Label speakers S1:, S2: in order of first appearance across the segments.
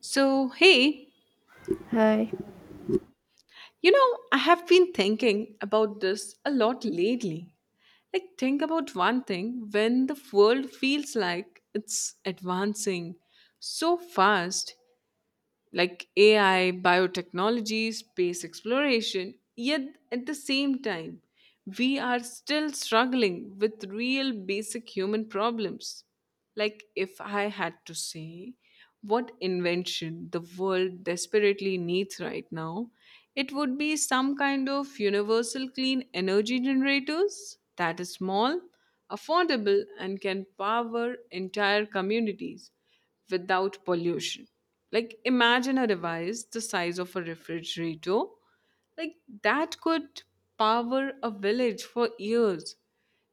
S1: So, hey,
S2: Hi.
S1: you know, I have been thinking about this a lot lately. Like, think about one thing when the world feels like it's advancing so fast, like AI, biotechnology, space exploration, yet at the same time, we are still struggling with real basic human problems. Like, if I had to say what invention the world desperately needs right now, it would be some kind of universal clean energy generators that is small, affordable, and can power entire communities without pollution. Like, imagine a device the size of a refrigerator. Like, that could power a village for years.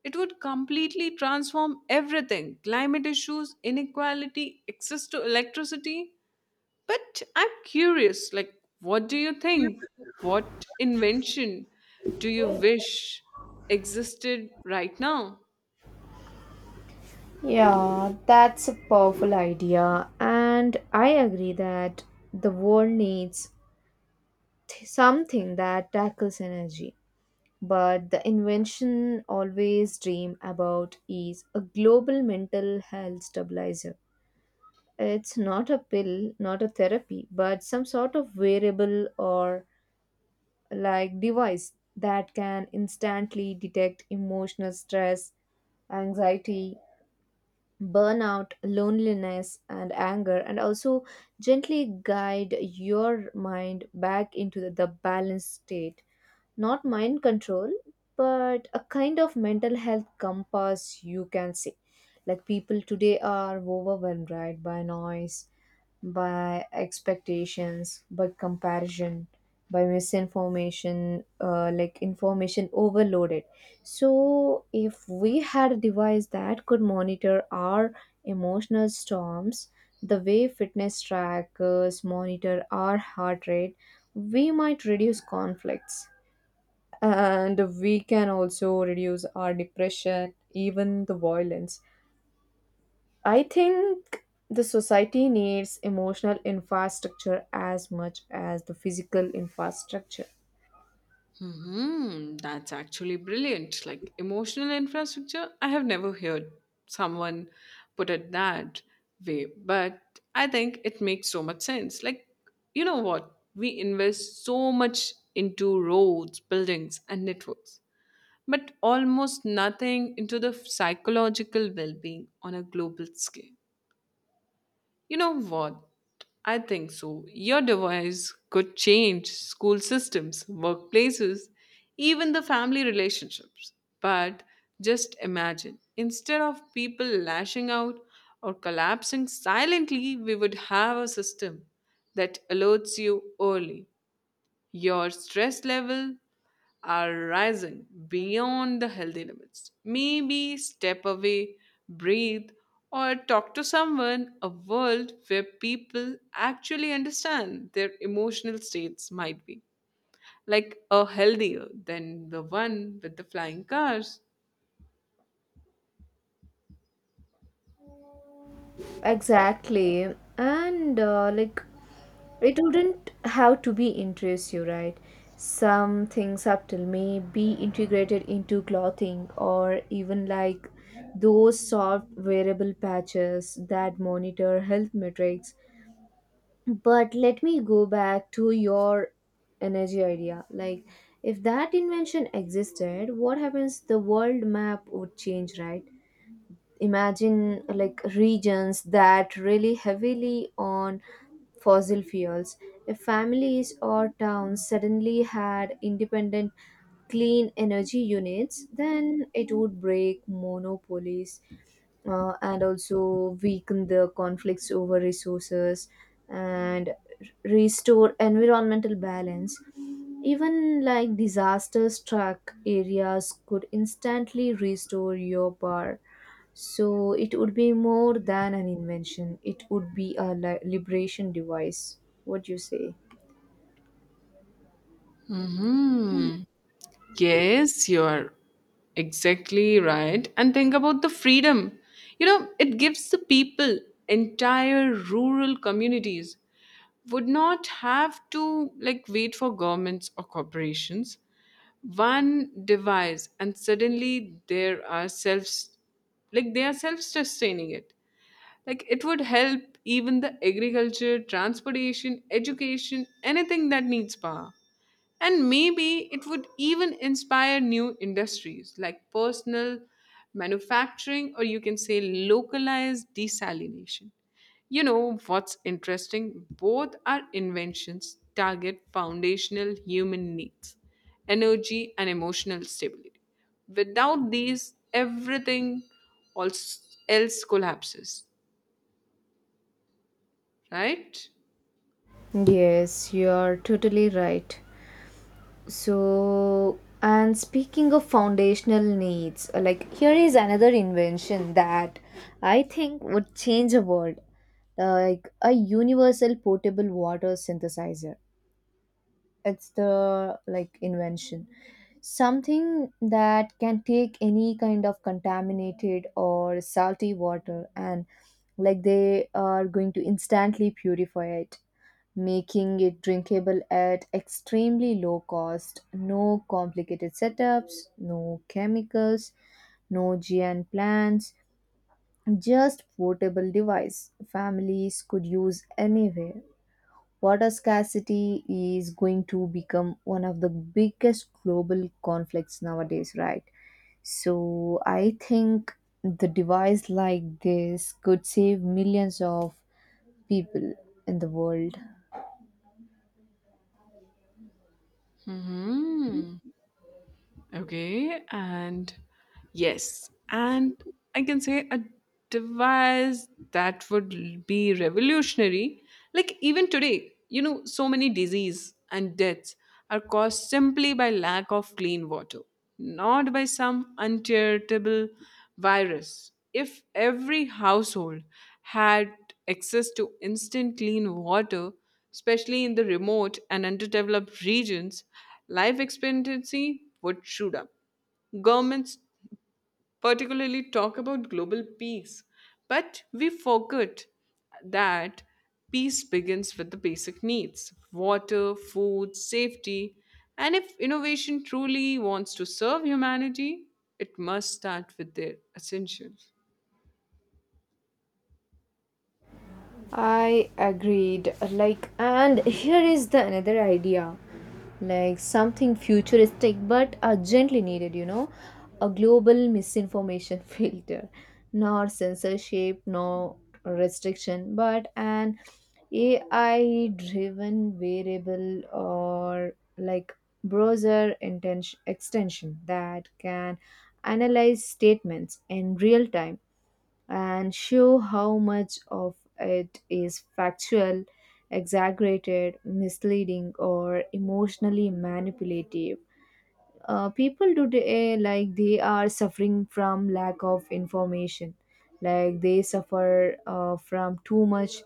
S1: It would completely transform everything climate issues, inequality, access to electricity. But I'm curious, like, what do you think? What invention do you wish existed right now?
S2: Yeah, that's a powerful idea, and I agree that the world needs something that tackles energy. But the invention always dream about is a global mental health stabilizer. It's not a pill, not a therapy, but some sort of wearable or like device that can instantly detect emotional stress, anxiety, burnout, loneliness, and anger, and also gently guide your mind back into the balanced state. Not mind control, but a kind of mental health compass, you can say. Like people today are overwhelmed, right, by noise, by expectations, by comparison, by misinformation, like information overloaded. So, if we had a device that could monitor our emotional storms, the way fitness trackers monitor our heart rate, we might reduce conflicts and we can also reduce our depression, even the violence. I think the society needs emotional infrastructure as much as the physical infrastructure.
S1: That's actually brilliant. Like emotional infrastructure, I have never heard someone put it that way, but I think it makes so much sense. Like, you know what? We invest so much into roads, buildings, and networks, but almost nothing into the psychological well being on a global scale. You know what? I think so. Your device could change school systems, workplaces, even the family relationships. But just imagine instead of people lashing out or collapsing silently, we would have a system that alerts you early. Your stress level, are rising beyond the healthy limits. Maybe step away, breathe, or talk to someone. A world where people actually understand their emotional states might be like a healthier than the one with the flying cars.
S2: Exactly. And it wouldn't have to be interest you, right? Some things subtle may be integrated into clothing or even like those soft wearable patches that monitor health metrics, but let me go back to your energy idea. Like, if that invention existed, what happens, the world map would change, right? Imagine like regions that really heavily on fossil fuels. If families or towns suddenly had independent clean energy units, then it would break monopolies, and also weaken the conflicts over resources and restore environmental balance. Even like disaster struck areas could instantly restore your power. So it would be more than an invention, it would be a liberation device. What do you say?
S1: Hmm. Yes, you're exactly right. And think about the freedom. You know, it gives the people, entire rural communities would not have to like wait for governments or corporations. One device and suddenly there are self like they are self-sustaining it like it would help even the agriculture transportation education anything that needs power and maybe it would even inspire new industries like personal manufacturing or you can say localized desalination. You know what's interesting, both our inventions target foundational human needs energy and emotional stability without these everything else collapses, right?
S2: Yes, you are totally right. So, and speaking of foundational needs, like here is another invention that I think would change the world. Like a universal portable water synthesizer. It's the like invention, something that can take any kind of contaminated or salty water and like they are going to instantly purify it, making it drinkable at extremely low cost. No complicated setups, no chemicals, no giant plants, just portable device families could use anywhere. Water scarcity is going to become one of the biggest global conflicts nowadays, right? So I think the device like this could save millions of people in the world.
S1: hmm Okay, and yes, and I can say a device that would be revolutionary. Like even today, you know, so many disease and deaths are caused simply by lack of clean water. Not by some uncharitable virus. If every household had access to instant clean water, especially in the remote and underdeveloped regions, life expectancy would shoot up. Governments particularly talk about global peace. But we forget that peace begins with the basic needs water, food, safety. And if innovation truly wants to serve humanity, it must start with their essentials.
S2: I agreed. Like, and here is the another idea, like something futuristic but urgently needed. You know, a global misinformation filter, not censorship, no restriction, but an AI-driven variable or like browser intention extension that can analyze statements in real time and show how much of it is factual, exaggerated, misleading, or emotionally manipulative. People today, like they are suffering from lack of information, like they suffer from too much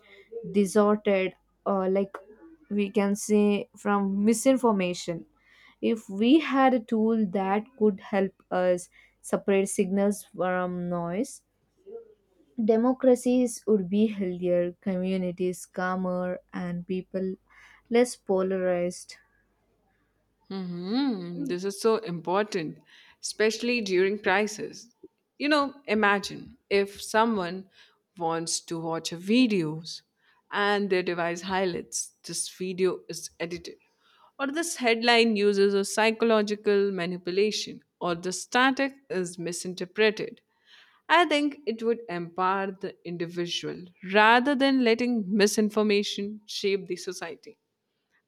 S2: disordered, uh, like we can say, from misinformation. If we had a tool that could help us separate signals from noise, democracies would be healthier, communities calmer, and people less polarized.
S1: This is so important, especially during crisis. You know, imagine if someone wants to watch a videos and their device highlights this video is edited, or this headline uses a psychological manipulation, or the static is misinterpreted. I think it would empower the individual rather than letting misinformation shape the society.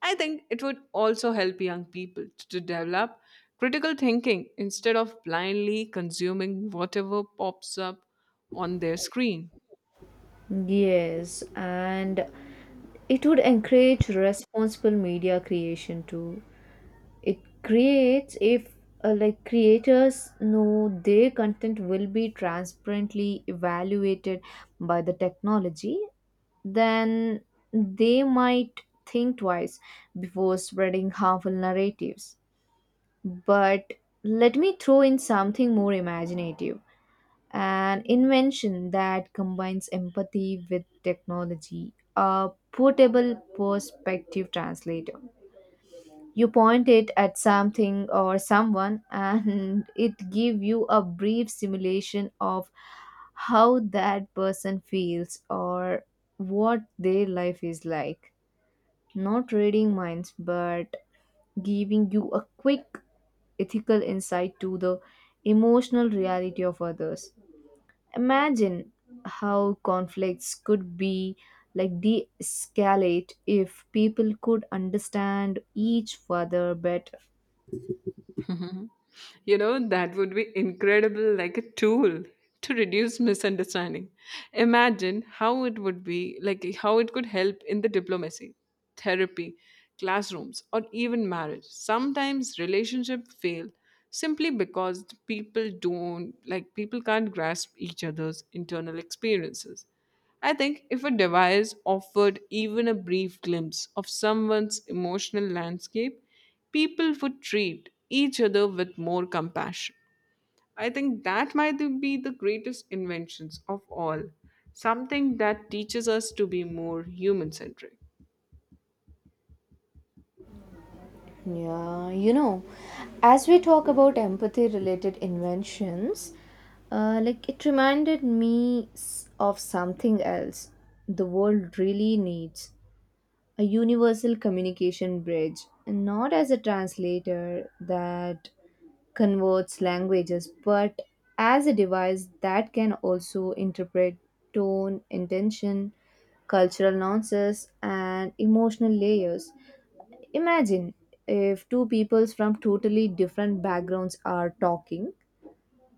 S1: I think it would also help young people to develop critical thinking instead of blindly consuming whatever pops up on their screen.
S2: Yes, and it would encourage responsible media creation too. It creates if like creators know their content will be transparently evaluated by the technology, then they might think twice before spreading harmful narratives. But let me throw in something more imaginative, an invention that combines empathy with technology, a portable perspective translator. You point it at something or someone, and it gives you a brief simulation of how that person feels or what their life is like. Not reading minds, but giving you a quick ethical insight to the emotional reality of others. Imagine how conflicts could be like de escalate if people could understand each other better.
S1: You know, that would be incredible, like a tool to reduce misunderstanding. Imagine how it would be, like how it could help in the diplomacy, therapy, classrooms, or even marriage. Sometimes relationships fail simply because people don't, like, people can't grasp each other's internal experiences. I think if a device offered even a brief glimpse of someone's emotional landscape, people would treat each other with more compassion. I think that might be the greatest inventions of all, something that teaches us to be more human centric.
S2: Yeah, you know, as we talk about empathy related inventions, it reminded me of something else the world really needs, a universal communication bridge, and not as a translator that converts languages, but as a device that can also interpret tone, intention, cultural nuances, and emotional layers. Imagine if two peoples from totally different backgrounds are talking,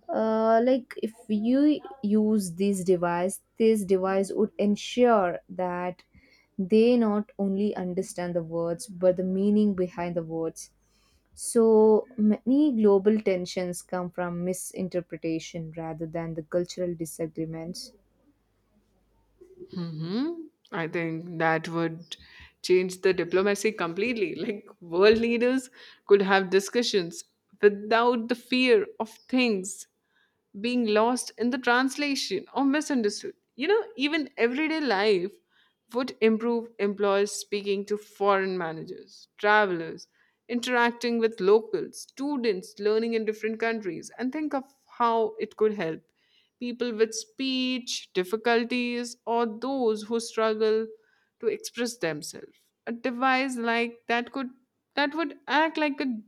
S2: like if you use this device, this device would ensure that they not only understand the words but the meaning behind the words. So many global tensions come from misinterpretation rather than the cultural disagreements.
S1: hmm I think that would change the diplomacy completely. Like, world leaders could have discussions without the fear of things being lost in the translation or misunderstood. You know, even everyday life would improve employers speaking to foreign managers, travelers, interacting with locals, students learning in different countries, and think of how it could help people with speech difficulties or those who struggle to express themselves. A device like that could that would act like a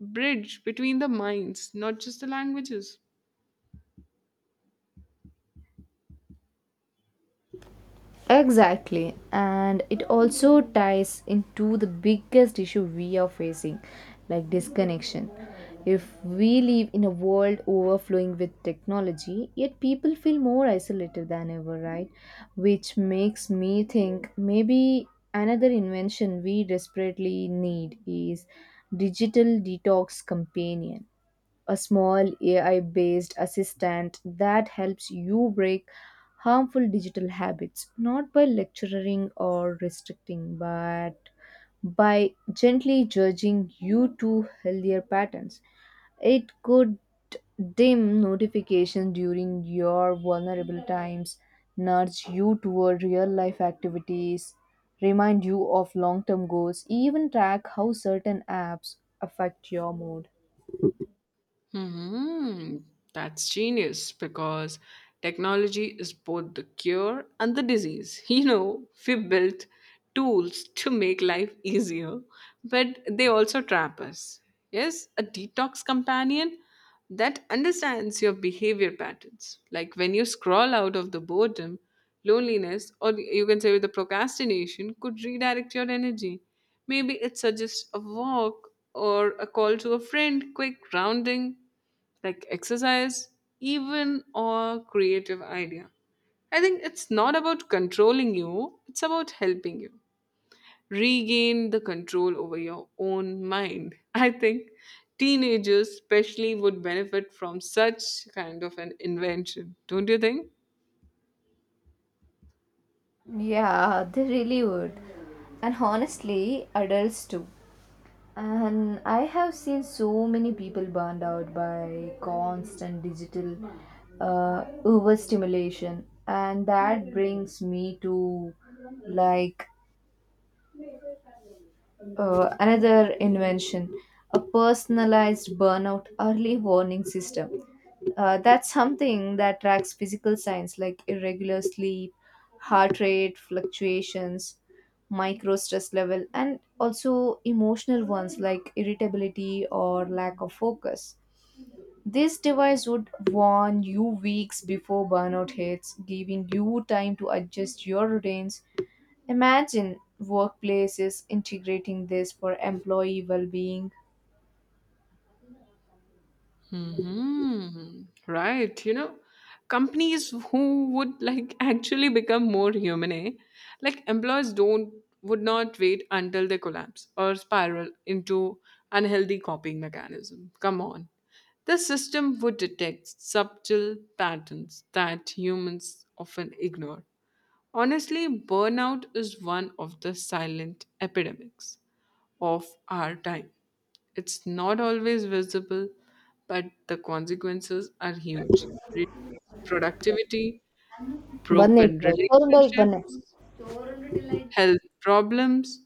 S1: bridge between the minds, not just the languages.
S2: Exactly, and it also ties into the biggest issue we are facing, like disconnection. If we live in a world overflowing with technology, yet people feel more isolated than ever, right? Which makes me think maybe another invention we desperately need is digital detox companion, a small AI based assistant that helps you break harmful digital habits, not by lecturing or restricting, but by gently judging you to healthier patterns. It could dim notifications during your vulnerable times, nudge you toward real life activities, remind you of long term goals, even track how certain apps affect your mood.
S1: hmm That's genius because technology is both the cure and the disease. You know, we built tools to make life easier, but they also trap us. Yes, a detox companion that understands your behavior patterns. Like when you scroll out of the boredom, loneliness, or you can say with the procrastination, could redirect your energy. Maybe it suggests a walk or a call to a friend, quick grounding, like exercise, even or creative idea. I think it's not about controlling you, it's about helping you regain the control over your own mind. I think teenagers, especially, would benefit from such kind of an invention, don't you think?
S2: Yeah, they really would. And honestly, adults too. And I have seen so many people burned out by constant digital overstimulation. And that brings me to like another invention, a personalized burnout early warning system. That's something that tracks physical signs like irregular sleep, heart rate fluctuations, micro stress level, and also emotional ones like irritability or lack of focus. This device would warn you weeks before burnout hits, giving you time to adjust your routines. Imagine workplaces integrating this for employee well being.
S1: Right. You know, companies who would like actually become more human, eh? Like employers don't would not wait until they collapse or spiral into unhealthy copying mechanism. Come on. The system would detect subtle patterns that humans often ignore. Honestly, burnout is one of the silent epidemics of our time. It's not always visible, but the consequences are huge. Reduced productivity,
S2: Banne
S1: broken
S2: ka, Soundbite banne.
S1: relationships, health problems.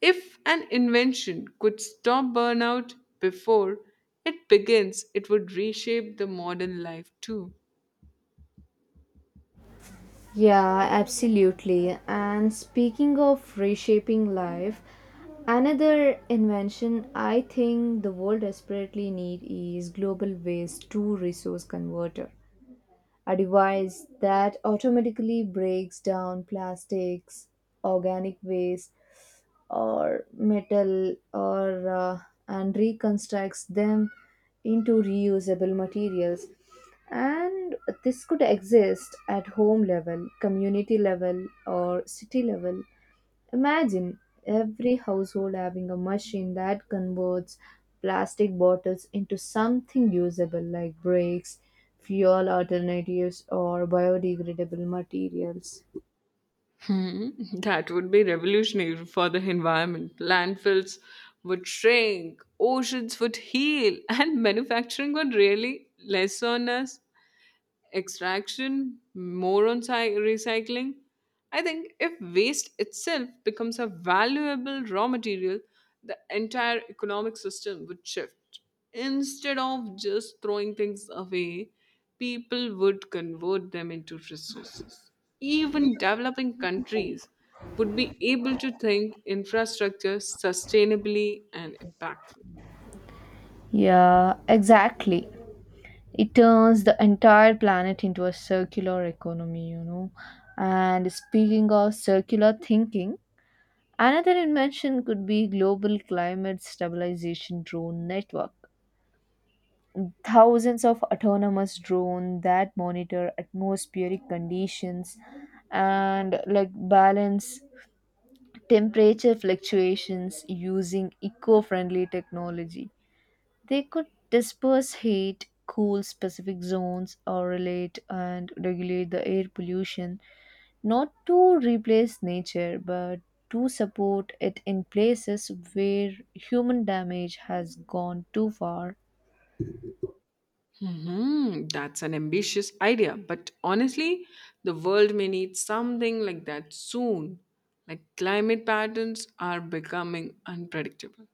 S1: If an invention could stop burnout before it begins, it would reshape the modern life too.
S2: Yeah, absolutely. And speaking of reshaping life, another invention I think the world desperately need is global waste to resource converter, a device that automatically breaks down plastics, organic waste, or metal, or and reconstructs them into reusable materials. And this could exist at home level, community level, or city level. Imagine every household having a machine that converts plastic bottles into something usable like bricks, fuel alternatives, or biodegradable materials.
S1: Hmm, that would be revolutionary for the environment. Landfills would shrink, oceans would heal, and manufacturing would really lessen us extraction, more on recycling. I think if waste itself becomes a valuable raw material, the entire economic system would shift. Instead of just throwing things away, people would convert them into resources. Even developing countries would be able to think infrastructure sustainably and impactful.
S2: Yeah, exactly. It turns the entire planet into a circular economy, you know. And speaking of circular thinking, another invention could be global climate stabilization drone network, thousands of autonomous drones that monitor atmospheric conditions and like balance temperature fluctuations using eco-friendly technology. They could disperse heat, cool specific zones, or relate and regulate the air pollution, not to replace nature, but to support it in places where human damage has gone too far.
S1: That's an ambitious idea, but honestly, the world may need something like that soon. Like climate patterns are becoming unpredictable.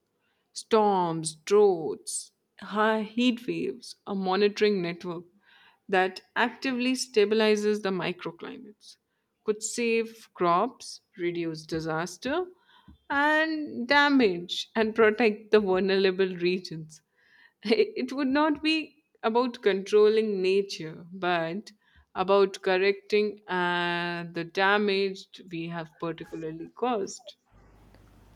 S1: Storms, droughts, high heat waves, a monitoring network that actively stabilizes the microclimates could save crops, reduce disaster and damage, and protect the vulnerable regions. It would not be about controlling nature, but about correcting the damage we have particularly caused.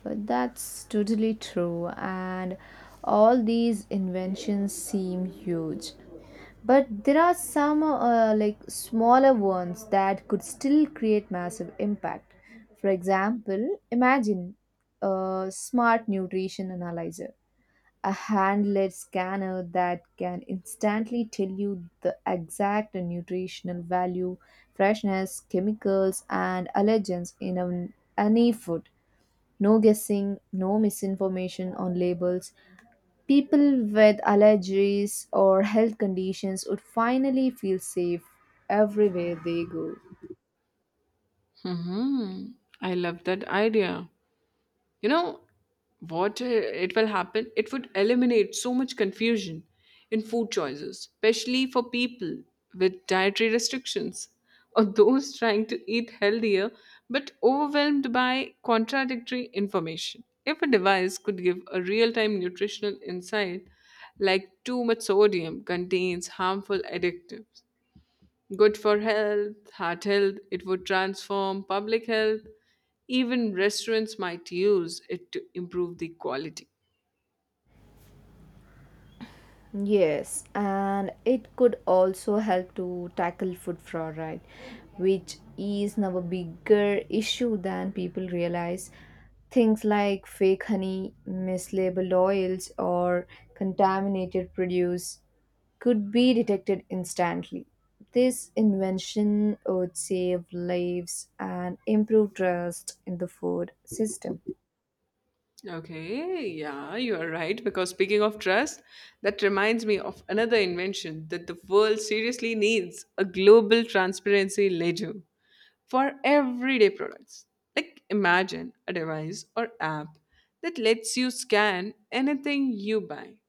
S2: But that's totally true, and all these inventions seem huge. But there are some like smaller ones that could still create massive impact. For example, imagine a smart nutrition analyzer, a hand-led scanner that can instantly tell you the exact nutritional value, freshness, chemicals, and allergens in any food. No guessing, no misinformation on labels. People with allergies or health conditions would finally feel safe everywhere they go.
S1: hmm I love that idea. You know what, it will happen, it would eliminate so much confusion in food choices, especially for people with dietary restrictions, or those trying to eat healthier but overwhelmed by contradictory information. If a device could give a real-time nutritional insight like too much sodium contains harmful additives, good for health, heart health, it would transform public health. Even restaurants might use it to improve the quality.
S2: Yes, and it could also help to tackle food fraud, right? Which is now a bigger issue than people realize. Things like fake honey, mislabeled oils, or contaminated produce could be detected instantly. This invention would save lives and improve trust in the food system.
S1: Okay, yeah, you are right. Because speaking of trust, that reminds me of another invention that the world seriously needs a global transparency ledger for everyday products. Like, imagine a device or app that lets you scan anything you buy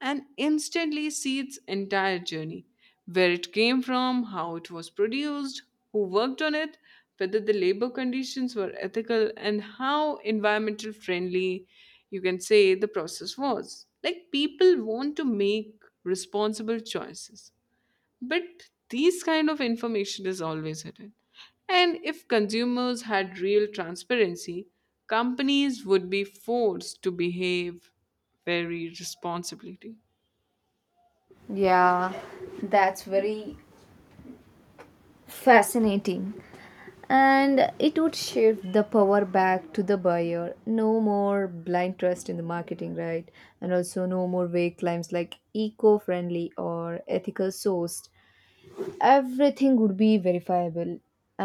S1: and instantly see its entire journey where it came from, how it was produced, who worked on it, whether the labor conditions were ethical, and how environmental friendly you can say the process was. Like people want to make responsible choices, but these kind of information is always hidden. And if consumers had real transparency, companies would be forced to behave very responsibly.
S2: Yeah, that's very fascinating. And it would shift the power back to the buyer, no more blind trust in the marketing, right? And also no more vague claims like eco-friendly or ethical sourced, everything would be verifiable.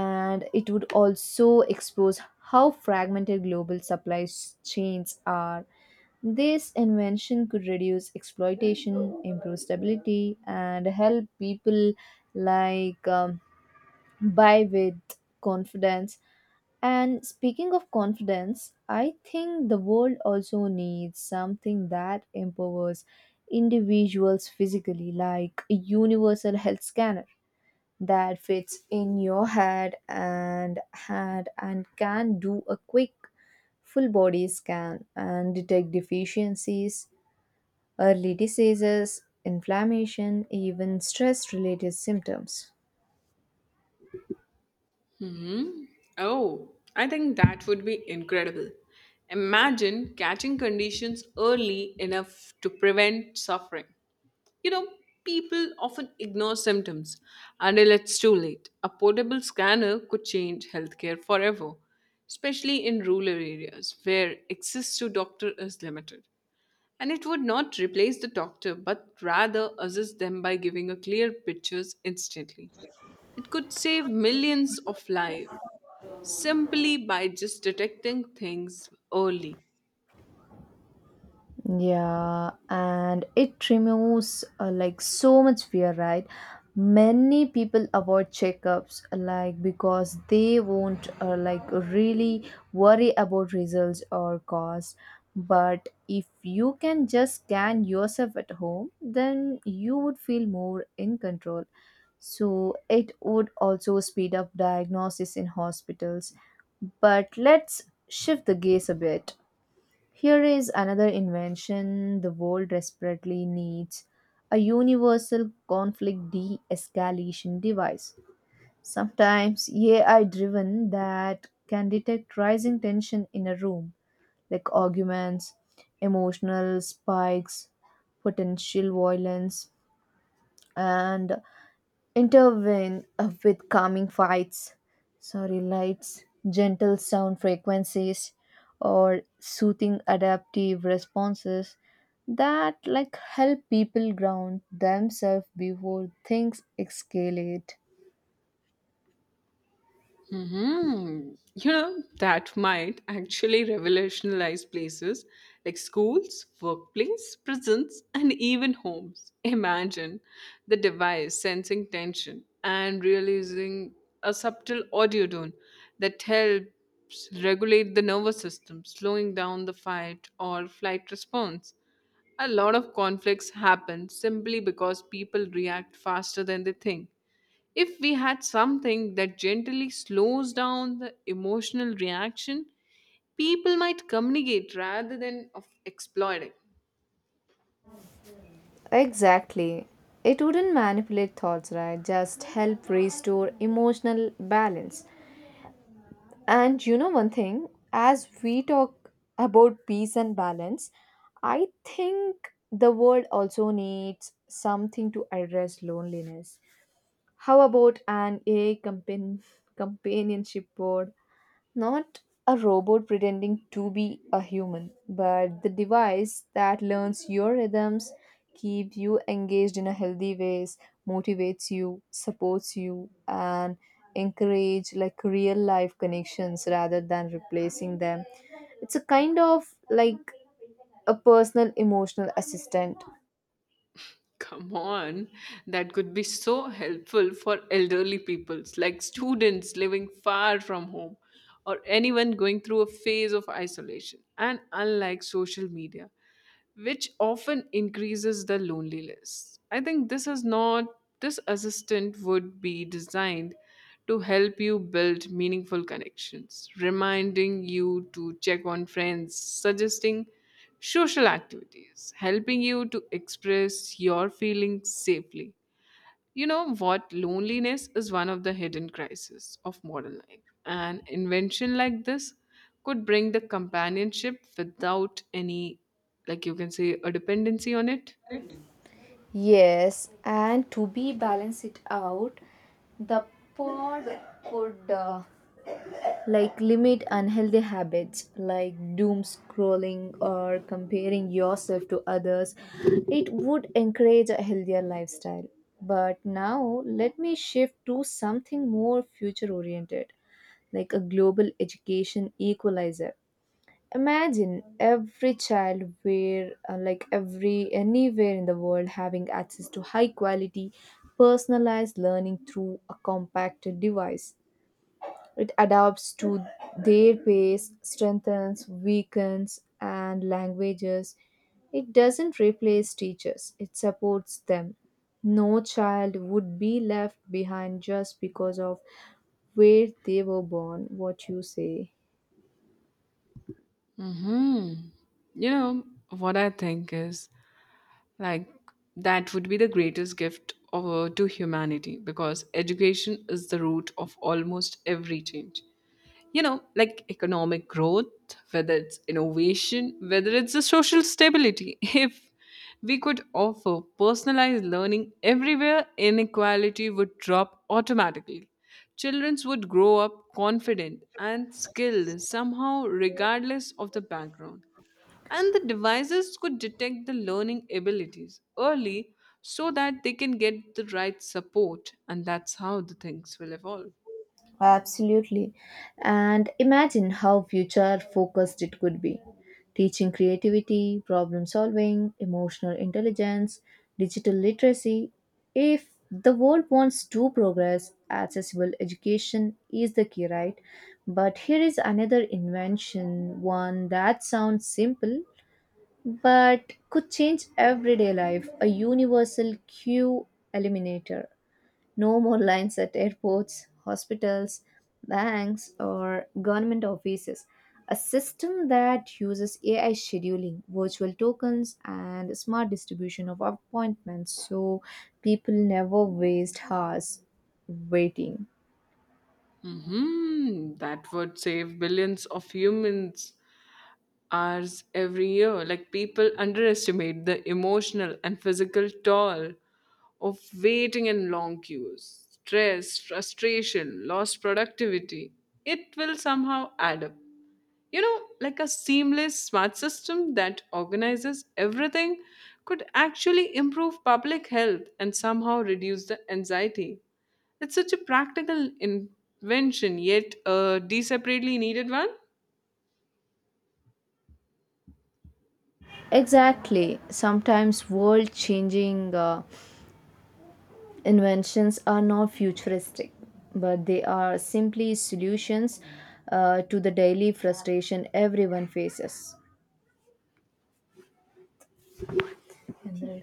S2: And it would also expose how fragmented global supply chains are. This invention could reduce exploitation, improve stability, and help people like um, buy with confidence. And speaking of confidence, I think the world also needs something that empowers individuals physically, like a universal health scanner that fits in your head and hand and can do a quick full body scan and detect deficiencies, early diseases, inflammation, even stress related symptoms.
S1: Oh, I think that would be incredible. Imagine catching conditions early enough to prevent suffering. You know, people often ignore symptoms until it's too late. A portable scanner could change healthcare forever, especially in rural areas where access to doctor is limited. And it would not replace the doctor but rather assist them by giving a clear pictures instantly. It could save millions of lives simply by just detecting things early.
S2: Yeah, and it removes like so much fear, right? Many people avoid checkups like because they won't like really worry about results or cost. But if you can just scan yourself at home, then you would feel more in control. So it would also speed up diagnosis in hospitals. But let's shift the gaze a bit. Here is another invention the world desperately needs, a universal conflict de escalation device. Sometimes AI driven that can detect rising tension in a room, like arguments, emotional spikes, potential violence, and intervene with calming fights, sorry, lights, gentle sound frequencies, or soothing adaptive responses that like help people ground themselves before things escalate.
S1: You know, that might actually revolutionize places like schools, workplace, prisons, and even homes. Imagine the device sensing tension and releasing a subtle audio tone that helps regulate the nervous system, slowing down the fight or flight response. A lot of conflicts happen simply because people react faster than they think. If we had something that gently slows down the emotional reaction, people might communicate rather than of exploiting.
S2: Exactly. It wouldn't manipulate thoughts, right? Just help restore emotional balance. And you know one thing, as we talk about peace and balance, I think the world also needs something to address loneliness. How about an AI companionship board, not a robot pretending to be a human, but the device that learns your rhythms, keeps you engaged in a healthy ways, motivates you, supports you, and encourage like real life connections rather than replacing them. It's a kind of like a personal emotional assistant.
S1: Come on, that could be so helpful for elderly peoples like students living far from home or anyone going through a phase of isolation. And unlike social media, which often increases the loneliness. I think this is not this assistant would be designed to help you build meaningful connections, reminding you to check on friends, suggesting social activities, helping you to express your feelings safely. You know what? Loneliness is one of the hidden crises of modern life. An invention like this could bring the companionship without any, like you can say, a dependency on it.
S2: Yes, and to be balance it out, the pod could like limit unhealthy habits like doom scrolling or comparing yourself to others. It would encourage a healthier lifestyle. But now let me shift to something more future oriented, like a global education equalizer. Imagine every child where like every anywhere in the world having access to high quality personalized learning through a compact device. It adapts to their pace, strengthens, weakens, and languages. It doesn't replace teachers, it supports them. No child would be left behind just because of where they were born, what you say.
S1: hmm You know, what I think is like that would be the greatest gift of, to humanity because education is the root of almost every change. You know, like economic growth, whether it's innovation, whether it's the social stability, if we could offer personalized learning everywhere, inequality would drop automatically. Children would grow up confident and skilled somehow regardless of the background, and the devices could detect the learning abilities early so that they can get the right support, and that's how the things will evolve.
S2: Absolutely. And imagine how future focused it could be. Teaching creativity, problem solving, emotional intelligence, digital literacy. If the world wants to progress, accessible education is the key, right? But here is another invention, one that sounds simple but could change everyday life, a universal queue eliminator. No more lines at airports, hospitals, banks, or government offices. A system that uses AI scheduling, virtual tokens, and smart distribution of appointments so people never waste hours waiting.
S1: That would save billions of humans hours every year. Like people underestimate the emotional and physical toll of waiting in long queues, stress, frustration, lost productivity. It will somehow add up. You know, like a seamless smart system that organizes everything could actually improve public health and somehow reduce the anxiety. It's such a practical invention, yet a desperately needed one.
S2: Exactly. Sometimes world changing inventions are not futuristic, but they are simply solutions to the daily frustration everyone faces.